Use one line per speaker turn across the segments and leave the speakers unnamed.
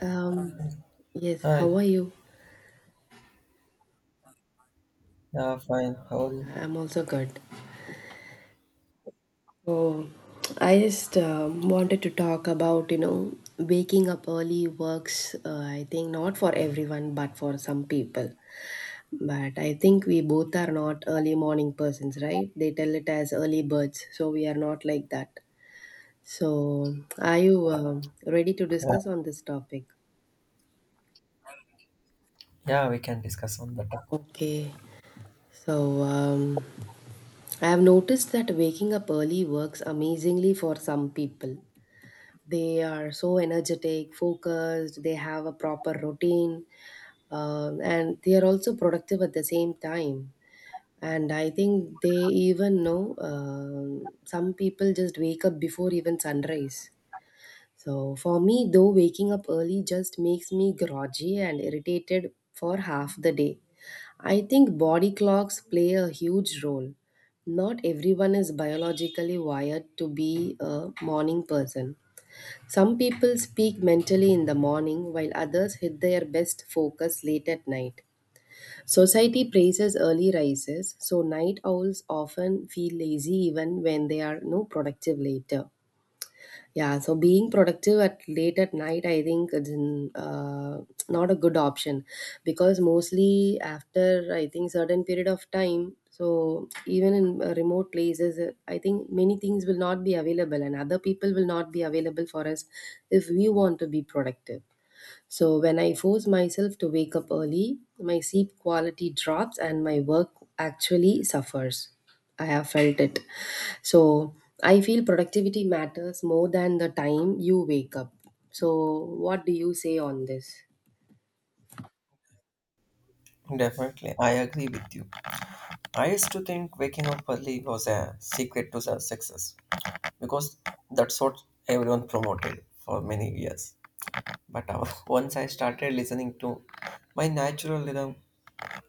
Um, yes, how
Hi.
are you?
Yeah, fine. How are you?
Yeah, I'm also good. Oh, I just wanted to talk about, you know, waking up early works, I think, not for everyone, but for some people. But I think we both are not early morning persons, right? They tell it as early birds, so we are not like that. So, are you ready to
Yeah,
discuss on this topic?
yeah, we can discuss on the topic.
Okay. So, um, I have noticed that waking up early works amazingly for some people. They are so energetic, focused, they have a proper routine, and they are also productive at the same time. And I think they even know some people just wake up before even sunrise. So, for me, though, waking up early just makes me groggy and irritated for half the day. I think body clocks play a huge role. Not everyone is biologically wired to be a morning person. Some people speak mentally in the morning while others hit their best focus late at night. Society praises early rises, so night owls often feel lazy even when they are no productive later. Yeah, so being productive at late at night, I think it's not a good option because mostly after I think certain period of time, so even in remote places, I think many things will not be available and other people will not be available for us if we want to be productive. So when I force myself to wake up early, my sleep quality drops and my work actually suffers. I have felt it. So I feel productivity matters more than the time you wake up. So what do you say on this?
Definitely, I agree with you. I used to think waking up early was a secret to the success because that's what everyone promoted for many years. But once I started listening to my natural rhythm,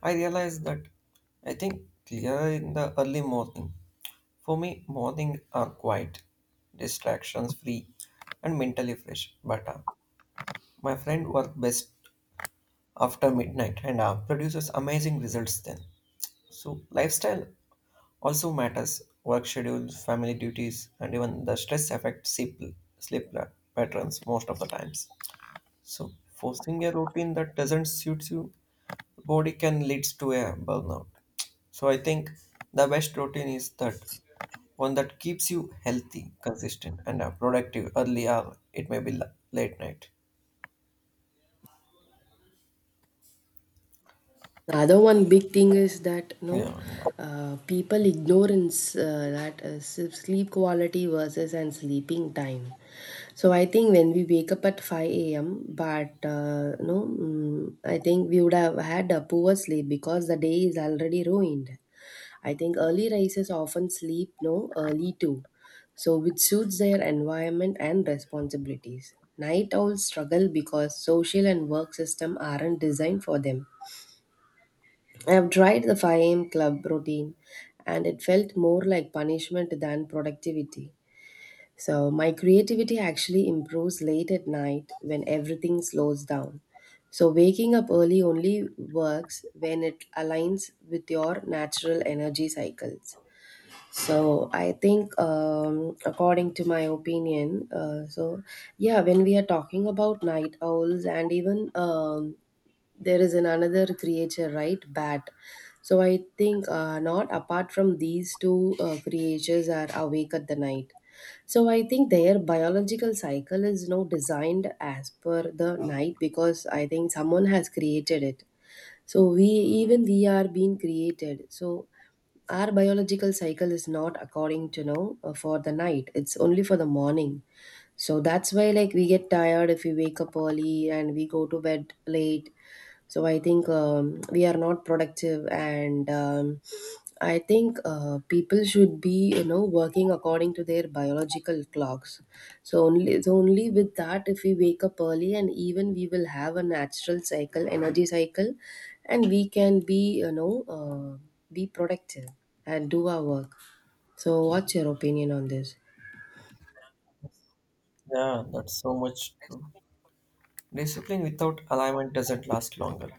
I realized that I think clear in the early morning. For me, morning are quiet, distractions free, and mentally fresh. But my friend worked best after midnight and produces amazing results then. So, lifestyle also matters work schedules, family duties, and even the stress affect sleep, sleep la- patterns most of the times. So, forcing a routine that doesn't suit you, body can leads to a burnout. So, I think the best routine is that one that keeps you healthy, consistent, and productive early hour. It may be late night.
The other one big thing is that no,
Yeah, and,
people ignorance sleep quality versus and sleeping time. So I think when we wake up at five a.m., but no, mm, I think we would have had a poor sleep because the day is already ruined. I think early risers often sleep no early too, so which suits their environment and responsibilities. Night owls struggle because social and work system aren't designed for them. I've tried the 5 a.m. club routine and it felt more like punishment than productivity. So, my creativity actually improves late at night when everything slows down. So, waking up early only works when it aligns with your natural energy cycles. So I think according to my opinion, so yeah, when we are talking about night owls and even there is an another creature, right? Bat. So I think not apart from these two creatures are awake at the night. So I think their biological cycle is now designed as per the night because I think someone has created it. So we are being created, so our biological cycle is not according to know, for the night, it's only for the morning. So that's why, like, we get tired if we wake up early and we go to bed late. So I think we are not productive and I think people should be, you know, working according to their biological clocks. So only it's only with that if we wake up early and even we will have a natural cycle, energy cycle, and we can be, you know, be productive and do our work. So what's your opinion on this?
yeah, that's so much true. Discipline without alignment doesn't last longer.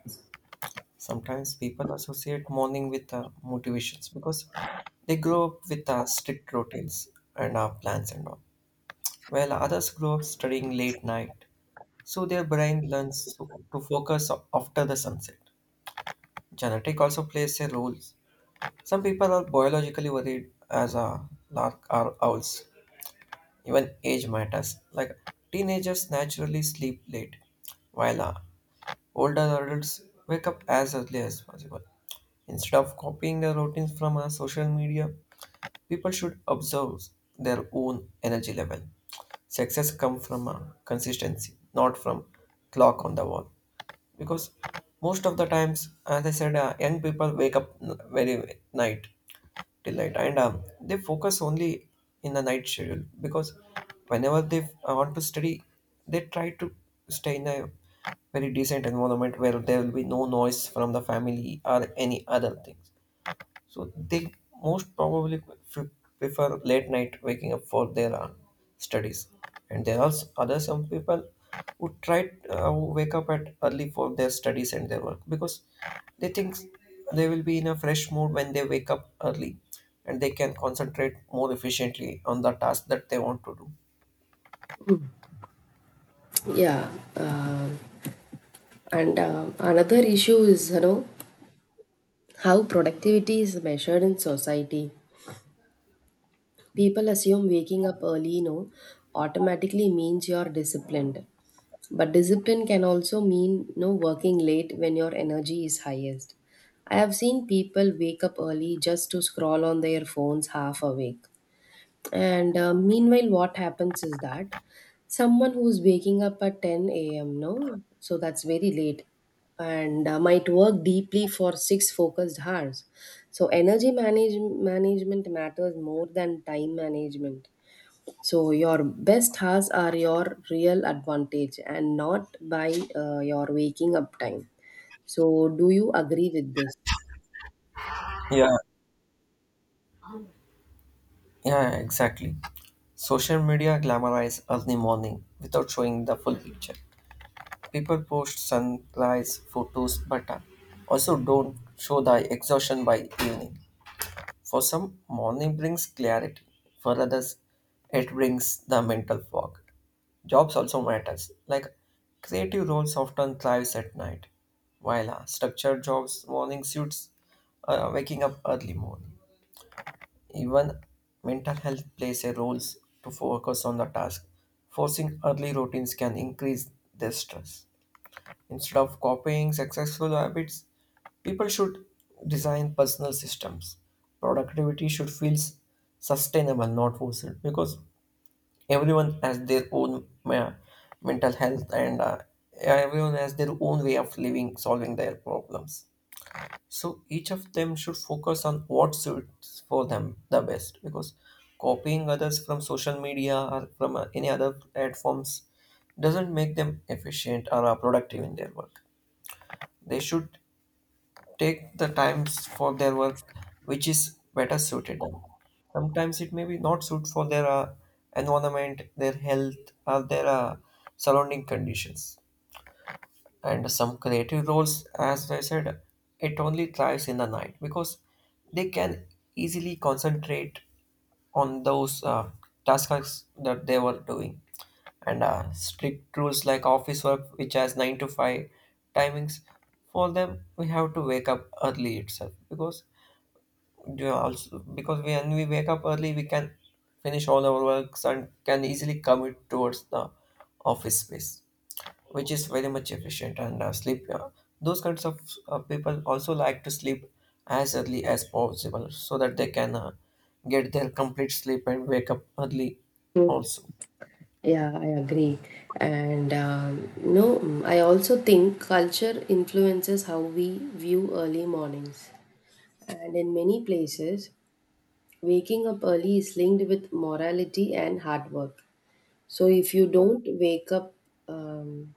Sometimes people associate morning with motivations because they grow up with strict routines and plans and all, while others grow up studying late night, so their brain learns to focus after the sunset. Genetic also plays a role. Some people are biologically worried as a lark or owls. Even age matters. Like teenagers naturally sleep late, while older adults wake up as early as possible. Instead of copying the routines from our social media, people should observe their own energy level. Success comes from consistency, not from clock on the wall. Because most of the times, as I said, young people wake up very night till night and they focus only in the night schedule because whenever they want to study they try to stay in a very decent environment where there will be no noise from the family or any other things, so they most probably pre- prefer late night waking up for their studies. And there are other some people who try who wake up at early for their studies and their work because they think they will be in a fresh mood when they wake up early and they can concentrate more efficiently on the task that they want to do.
Yeah. um and another issue is, you know, how productivity is measured in society. People assume waking up early, you know, automatically means you're disciplined, but discipline can also mean, you know, working late when your energy is highest. I have seen people wake up early just to scroll on their phones half awake. And meanwhile, what happens is that someone who's waking up at 10 a.m., no? So that's very late, and might work deeply for six focused hours. So management matters more than time management. So your best hours are your real advantage and not by your waking up time. So do you agree with this?
Yeah, yeah, exactly. Social media glamorize early morning without showing the full picture. People post sunrise photos but also don't show the exhaustion by evening. For some, morning brings clarity. For others, it brings the mental fog. Jobs also matters. Like creative roles often thrives at night, while structured jobs morning suits waking up early morning. Even mental health plays a role to focus on the task. Forcing early routines can increase their stress. Instead of copying successful habits, people should design personal systems. Productivity should feel sustainable, not forced, because everyone has their own mental health and everyone has their own way of living, solving their problems. So each of them should focus on what suits for them the best because copying others from social media or from any other platforms doesn't make them efficient or productive in their work. They should take the times for their work which is better suited them. Sometimes it may be not suit for their environment, their health, or their surrounding conditions. And some creative roles, as I said, it only thrives in the night because they can easily concentrate on those tasks that they were doing and strict rules like office work which has 9 to 5 timings. For them we have to wake up early itself because you also, because when we wake up early we can finish all our works and can easily commit towards the office space, which is very much efficient. And sleep, those kinds of people also like to sleep as early as possible so that they can get their complete sleep and wake up early also.
Yeah, I agree. And no, mm, I also think culture influences how we view early mornings. And in many places, waking up early is linked with morality and hard work. So if you don't wake up um,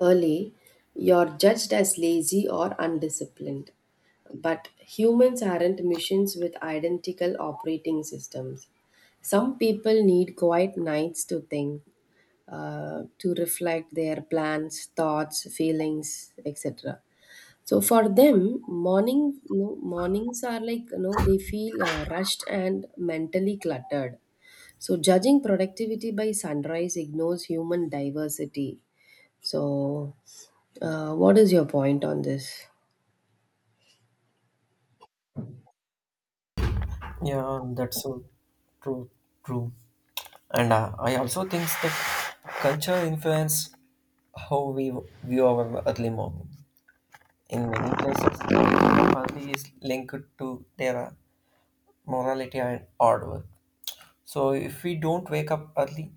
early, you're judged as lazy or undisciplined. But humans aren't machines with identical operating systems. Some people need quiet nights to think, to reflect their plans, thoughts, feelings, etc. So for them, morning, no, mornings are like, you know, they feel rushed and mentally cluttered. So, judging productivity by sunrise ignores human diversity. So, what is your point on this?
Yeah, that's so true, true. And I also think that culture influence how we view our early morning. In many places early is linked to their morality and hard work. So if we don't wake up early,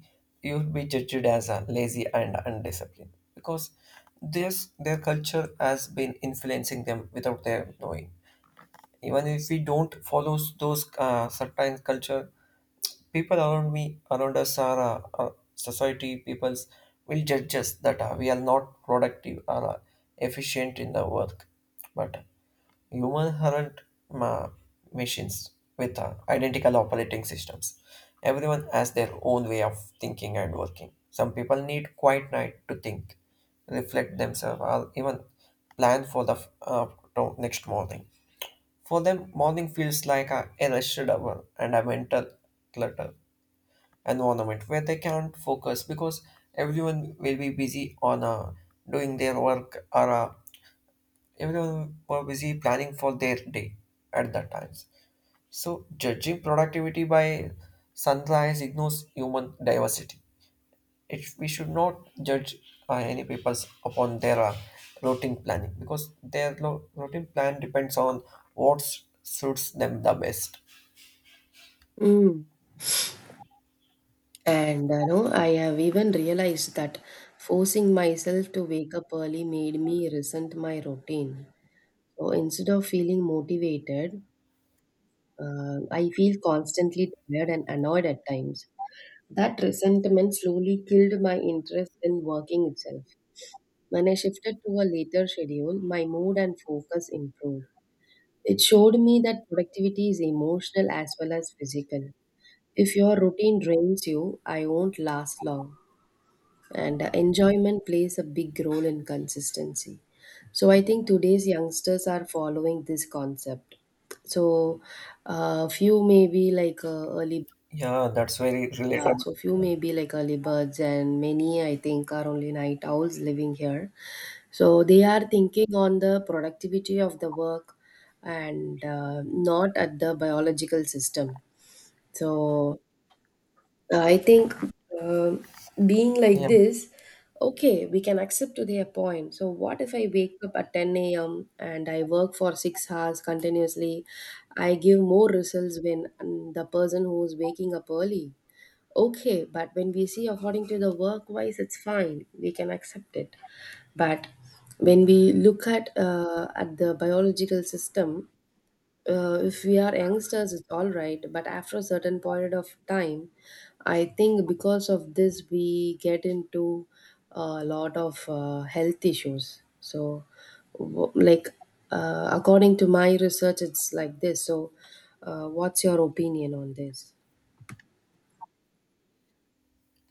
you'll be judged as a lazy and undisciplined because this their culture has been influencing them without their knowing. Even if we don't follow those certain culture, people around me, around us, are our society peoples will judge us that we are not productive or efficient in the work. But human aren't ma- machines with identical operating systems. Everyone has their own way of thinking and working. Some people need quiet night to think, reflect themselves, or even plan for the next morning. For them, morning feels like a arrested hour and a mental clutter environment where they can't focus because everyone will be busy on doing their work or everyone were busy planning for their day at that times. So judging productivity by sunrise ignores human diversity. It, we should not judge any people upon their routine planning because their routine plan depends on what suits them the best.
Mm. And no, I have even realized that forcing myself to wake up early made me resent my routine. So instead of feeling motivated, I feel constantly tired and annoyed at times. That resentment slowly killed my interest in working itself. When I shifted to a later schedule, my mood and focus improved. It showed me that productivity is emotional as well as physical. If your routine drains you, I won't last long. And enjoyment plays a big role in consistency. So I think today's youngsters are following this concept. So a few may be like early.
Yeah, that's very
Yeah,
relatable.
so few may be like early birds, and many I think are only night owls living here. So they are thinking on the productivity of the work, and not at the biological system. So I think, uh, being like
Yeah,
this, okay, we can accept to their point. So what if I wake up at 10 a.m. and I work for 6 hours continuously? I give more results when, the person who is waking up early. Okay, but when we see according to the work wise, it's fine. We can accept it. But when we look at the biological system, if we are youngsters, it's all right. But after a certain period of time, I think because of this, we get into a lot of health issues. So, like, according to my research, it's like this. So, what's your opinion on this?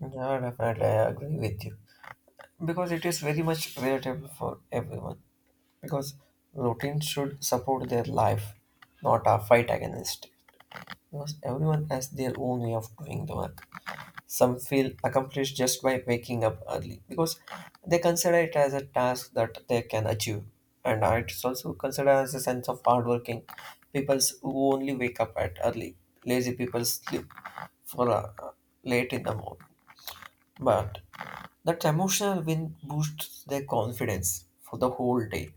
yeah, definitely, I agree with you because it is very much relatable for everyone. Because routine should support their life, not a fight against it. Because everyone has their own way of doing the work. Some feel accomplished just by waking up early because they consider it as a task that they can achieve, and it's also considered as a sense of hardworking people who only wake up at early. Lazy people sleep for late in the morning, but that emotional win boosts their confidence for the whole day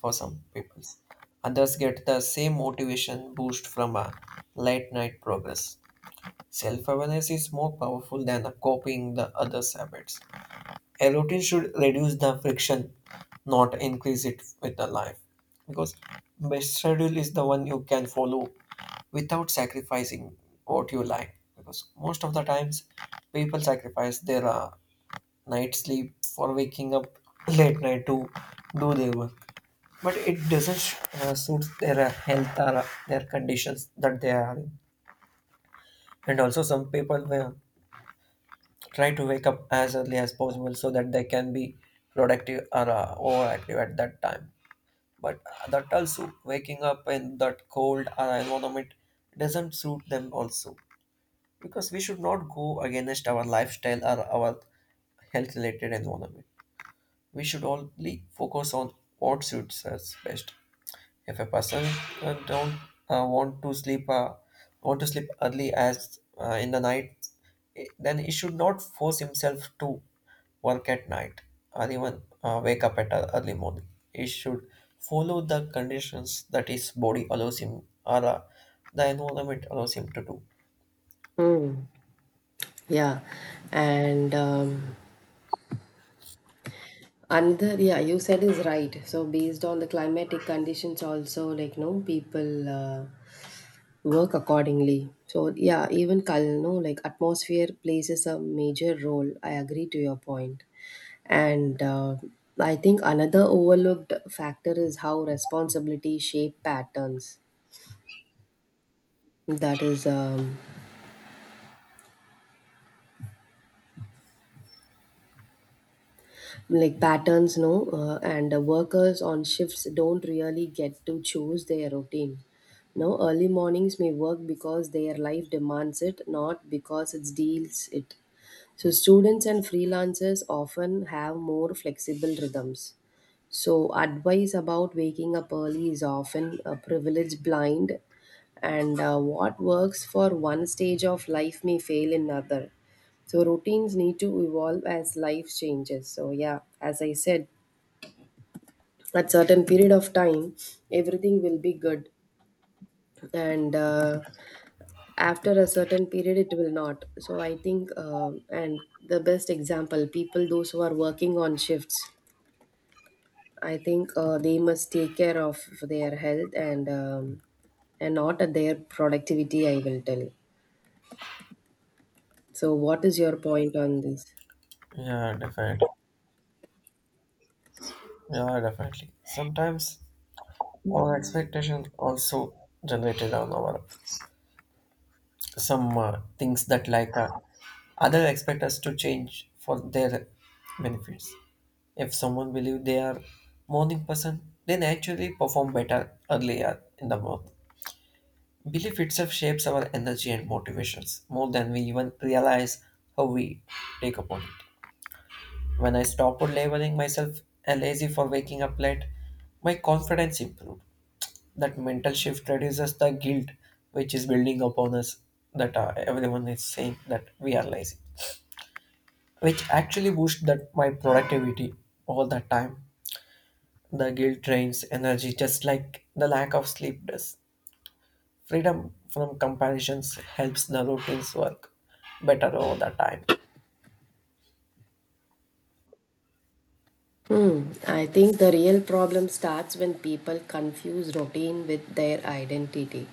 for some people. Others get the same motivation boost from a late night progress. Self awareness is more powerful than copying the other's habits. A routine should reduce the friction, not increase it with the life. Because best schedule is the one you can follow without sacrificing what you like. Because most of the times, people sacrifice their night sleep for waking up late night to do their work, but it doesn't suit their health or their conditions that they are in. And also some people will try to wake up as early as possible so that they can be productive or overactive at that time, but that also waking up in that cold or environment doesn't suit them also, because we should not go against our lifestyle or our health related environment. We should only focus on what suits us best. If a person don't want to sleep want to sleep early as in the night, then he should not force himself to work at night or even wake up at a early morning. He should follow the conditions that his body allows him or the environment allows him to do.
Hmm. Yeah, and another, yeah, you said is right. So based on the climatic conditions, also, like, no, people work accordingly. So yeah, even cul- no like atmosphere plays a major role. I agree to your point, and I think another overlooked factor is how responsibility shape patterns. That is. Like patterns, no, and workers on shifts don't really get to choose their routine. No, early mornings may work because their life demands it, not because it deals it. So students and freelancers often have more flexible rhythms. So, advice about waking up early is often a privilege blind, and what works for one stage of life may fail in another. So, routines need to evolve as life changes. So, yeah, as I said, at certain period of time, everything will be good, and after a certain period, it will not. So, I think, and the best example, people those who are working on shifts, I think they must take care of their health and not at their productivity. I will tell. So, what is your point on this?
Yeah, definitely. Yeah, definitely. Sometimes our expectations also generated on our some things that like other expect us to change for their benefits. If someone believe they are morning person, they naturally perform better earlier in the month. Belief itself shapes our energy and motivations more than we even realize how we take upon it. When I stopped labeling myself a lazy for waking up late, my confidence improved. That mental shift reduces the guilt which is building upon us that everyone is saying that we are lazy, which actually boosts that my productivity all the time. The guilt drains energy just like the lack of sleep does. Freedom from comparisons helps the routines work better all the time.
Hmm. I think the real problem starts when people confuse routine with their identity.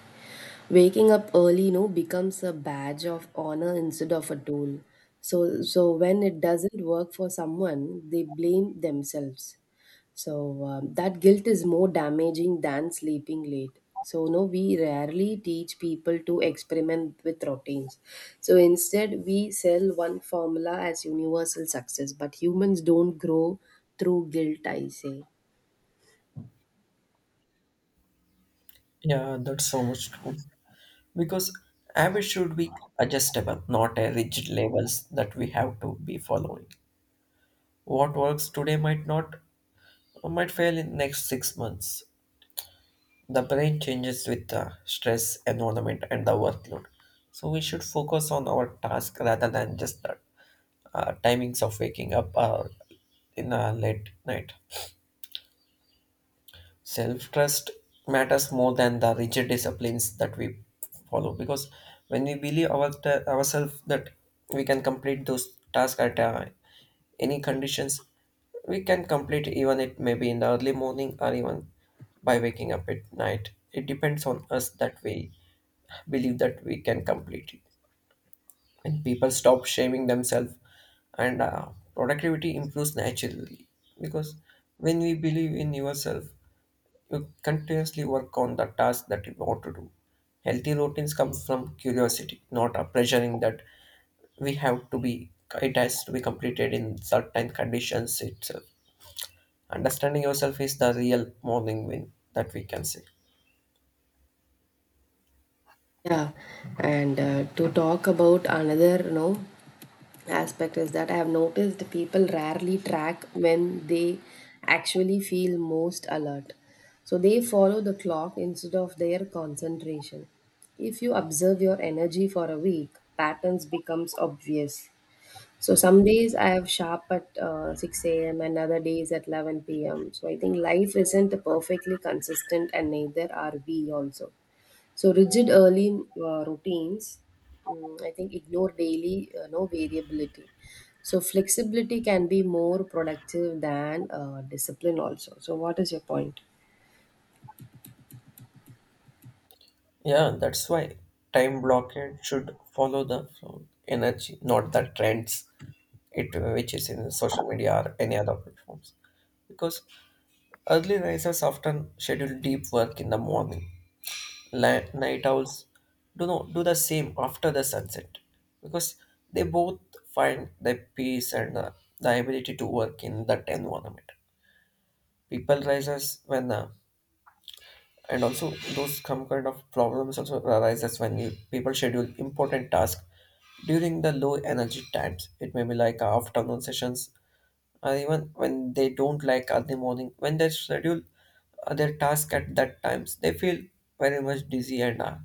Waking up early, you know, becomes a badge of honor instead of a tool. So when it doesn't work for someone, they blame themselves. So that guilt is more damaging than sleeping late. So no, we rarely teach people to experiment with routines. So instead, we sell one formula as universal success. But humans don't grow through guilt, I say.
Yeah, that's so much true because habits should be adjustable, not a rigid labels that we have to be following. What works today might not, I might fail in next 6 months. The brain changes with the stress, environment, and the workload. So we should focus on our task rather than just the timings of waking up or in a late night. Self trust matters more than the rigid disciplines that we follow, because when we believe ourselves that we can complete those tasks at any conditions, we can complete even it may be in the early morning or even by waking up at night. It depends on us that we believe that we can complete it. When people stop shaming themselves and productivity improves naturally, because when we believe in yourself you continuously work on the task that you want to do. Healthy routines come from curiosity, not a pressuring that we have to be, it has to be completed in certain conditions itself. Understanding yourself is the real morning win that we can say.
Yeah, and to talk about another, you know, aspect is that I have noticed people rarely track when they actually feel most alert. So they follow the clock instead of their concentration. If you observe your energy for a week, patterns becomes obvious. So some days I have sharp at 6 a.m. and other days at 11 p.m. So I think life isn't perfectly consistent and neither are we also. So rigid early routines, I think, ignore daily no variability. So flexibility can be more productive than discipline also. So what is your point?
Yeah, that's why time blockade should follow the flow, energy, not the trends, it which is in social media or any other platforms. Because early risers often schedule deep work in the morning, night owls do not do the same after the sunset because they both find the peace and the ability to work in that environment. People rises when and also those some kind of problems also arises when people schedule important tasks during the low energy times. It may be like afternoon sessions, even when they don't like early morning. When they schedule their task at that times, they feel very much dizzy and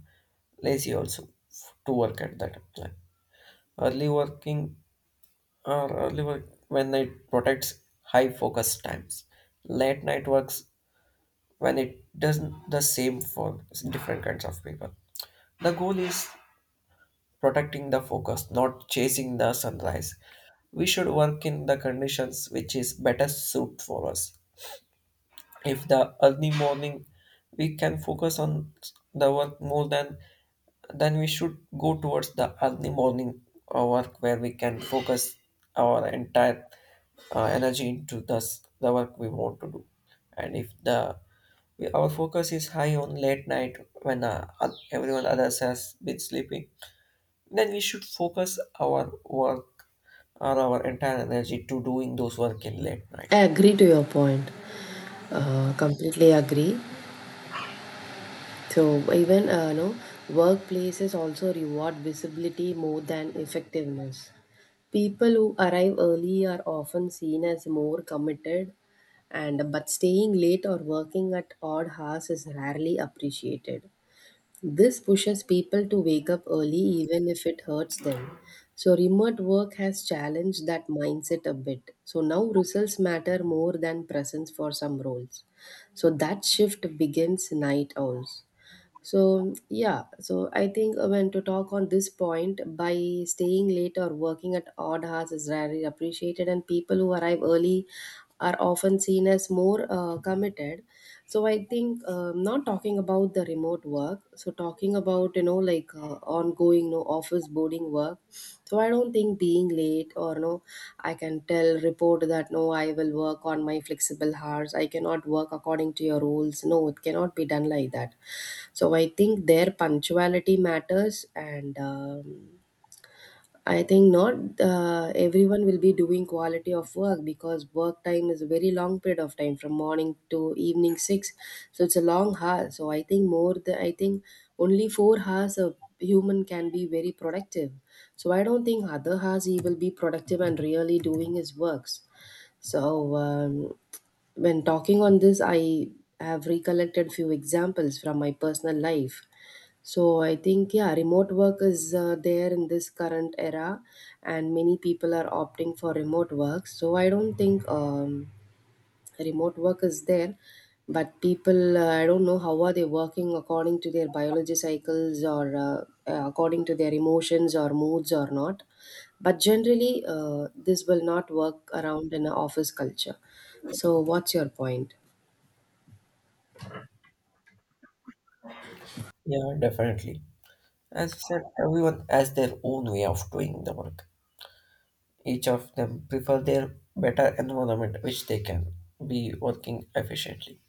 lazy also to work at that time. Early working or early work when it protects high focus times, late night works when it doesn't the same for different kinds of people. The goal is protecting the focus, not chasing the sunrise. We should work in the conditions which is better suited for us. If the early morning we can focus on the work more, than then we should go towards the early morning work where we can focus our entire energy into this the work we want to do. And if our focus is high on late night when everyone others has been sleeping, then we should focus our work or our entire energy to doing those work in late night.
I agree to your point. Completely agree. So even no workplaces also reward visibility more than effectiveness. People who arrive early are often seen as more committed, and but staying late or working at odd hours is rarely appreciated. This pushes people to wake up early even if it hurts them. So remote work has challenged that mindset a bit. So now results matter more than presence for some roles. So that shift begins night owls. So, yeah, so I think when to talk on this point, by staying late or working at odd hours is rarely appreciated, and people who arrive early are often seen as more committed. So, I think not talking about the remote work, so talking about, you know, like ongoing, no, office boarding work. So, I don't think being late or no, I can tell, report that no, I will work on my flexible hours, I cannot work according to your rules. No, it cannot be done like that. So I think their punctuality matters, and I think not everyone will be doing quality of work because work time is a very long period of time from morning to evening six. So it's a long hour. So I think only 4 hours a human can be very productive. So I don't think other hours he will be productive and really doing his works. So when talking on this, I have recollected few examples from my personal life. So I think yeah, remote work is there in this current era, and many people are opting for remote work. So I don't think remote work is there but people, I don't know how are they working according to their biology cycles or according to their emotions or moods or not, but generally this will not work around in an office culture. So what's your point?
Yeah, definitely. As I said, everyone has their own way of doing the work. Each of them prefer their better environment which they can be working efficiently.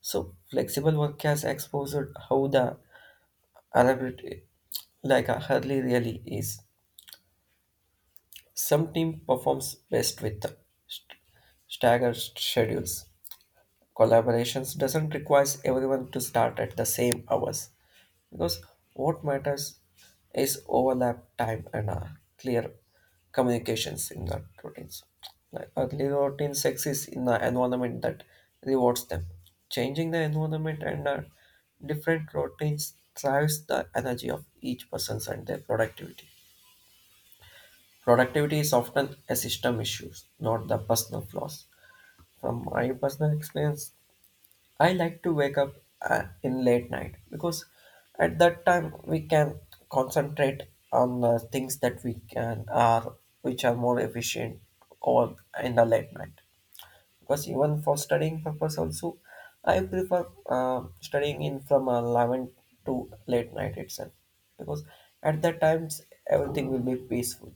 So flexible work has exposed how the elaborate like a hardly really is. Some team performs best with the st- staggered schedules. Collaborations doesn't require everyone to start at the same hours because what matters is overlap time and clear communications in the routines. Like early routines exist in the environment that rewards them. Changing the environment and different routines drives the energy of each person and their productivity. Productivity is often a system issue, not the personal flaws. From my personal experience, I like to wake up in late night because at that time we can concentrate on things that we can are which are more efficient, or in the late night, because even for studying purpose also I prefer studying in from 11 to late night itself, because at that times everything will be peaceful.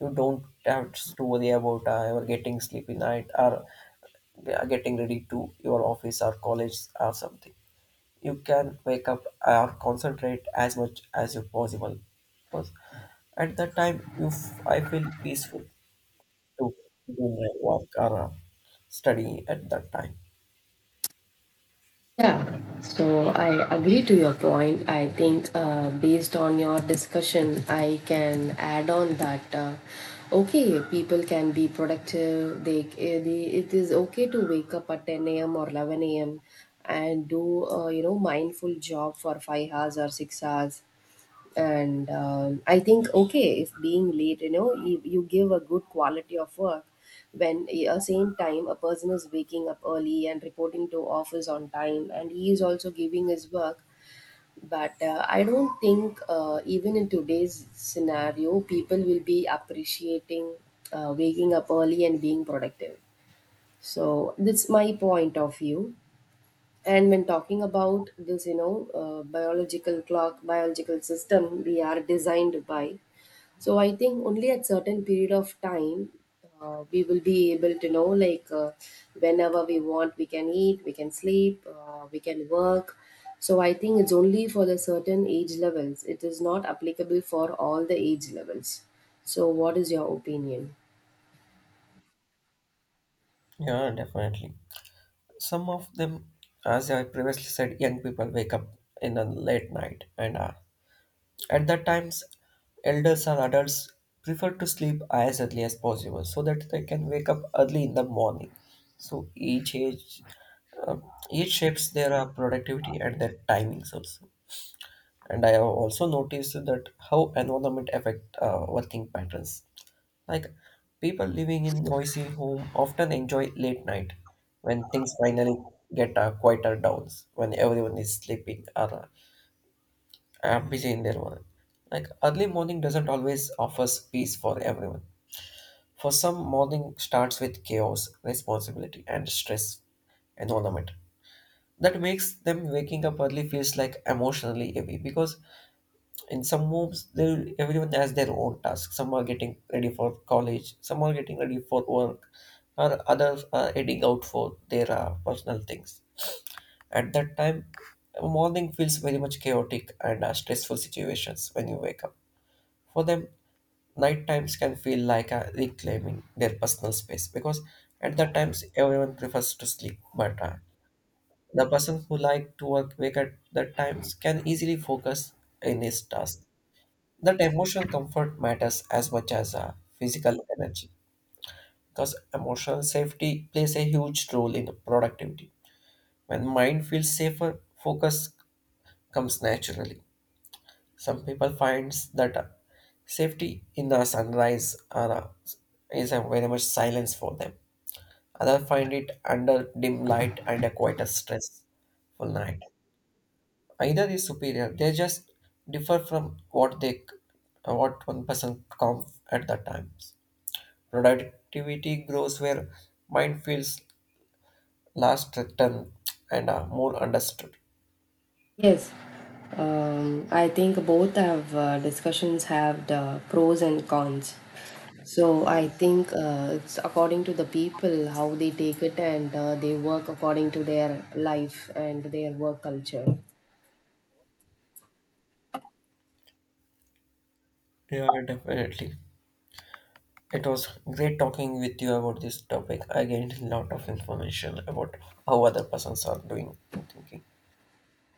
You don't have to worry about ever getting sleepy night or getting ready to your office or college or something. You can wake up or concentrate as much as you possible, because at that time I feel peaceful to begin my work or study at that time.
Yeah, so I agree to your point. I think based on your discussion, I can add on that, okay, people can be productive. They, eh, they it is okay to wake up at 10 a.m. or 11 a.m. and do you know, mindful job for 5 hours or 6 hours. And I think, okay, if being late, you know, you give a good quality of work when at same time a person is waking up early and reporting to office on time and he is also giving his work. But I don't think even in today's scenario people will be appreciating waking up early and being productive. So that's my point of view. And when talking about this, you know, biological clock, biological system we are designed by, so I think only at certain period of time we will be able to know, like, whenever we want we can eat, we can sleep, we can work. So I think it's only for the certain age levels, it is not applicable for all the age levels. So what is your opinion?
Yeah, definitely. Some of them, as I previously said, young people wake up in a late night, and at that times, elders or adults prefer to sleep as early as possible so that they can wake up early in the morning. So each age, uh, each shapes their productivity and their timings also. And I have also noticed that how environment affect working patterns. Like people living in noisy home often enjoy late night when things finally get quieter downs, when everyone is sleeping or busy in their work. Like early morning doesn't always offers peace for everyone. For some, morning starts with chaos, responsibility, and stress environment. That makes them waking up early feels like emotionally heavy, because in some homes, there everyone has their own task. Some are getting ready for college, some are getting ready for work, or others are heading out for their personal things. At that time morning feels very much chaotic and stressful situations when you wake up. For them, night times can feel like reclaiming their personal space, because at that times everyone prefers to sleep, but the person who like to work wake at that times can easily focus in his task. That emotional comfort matters as much as physical energy, because emotional safety plays a huge role in productivity. When mind feels safer, focus comes naturally. Some people finds that safety in the sunrise is a very much silence for them. Others find it under dim light and a quite a stressful night. Either is superior. They just differ from what what one person comes at the times. Productivity grows where mind feels last threatened and are more understood.
Yes, I think both have discussions have the pros and cons. So I think it's according to the people how they take it and they work according to their life and their work culture.
Yeah, definitely. It was great talking with you about this topic. I gained a lot of information about how other persons are doing and thinking.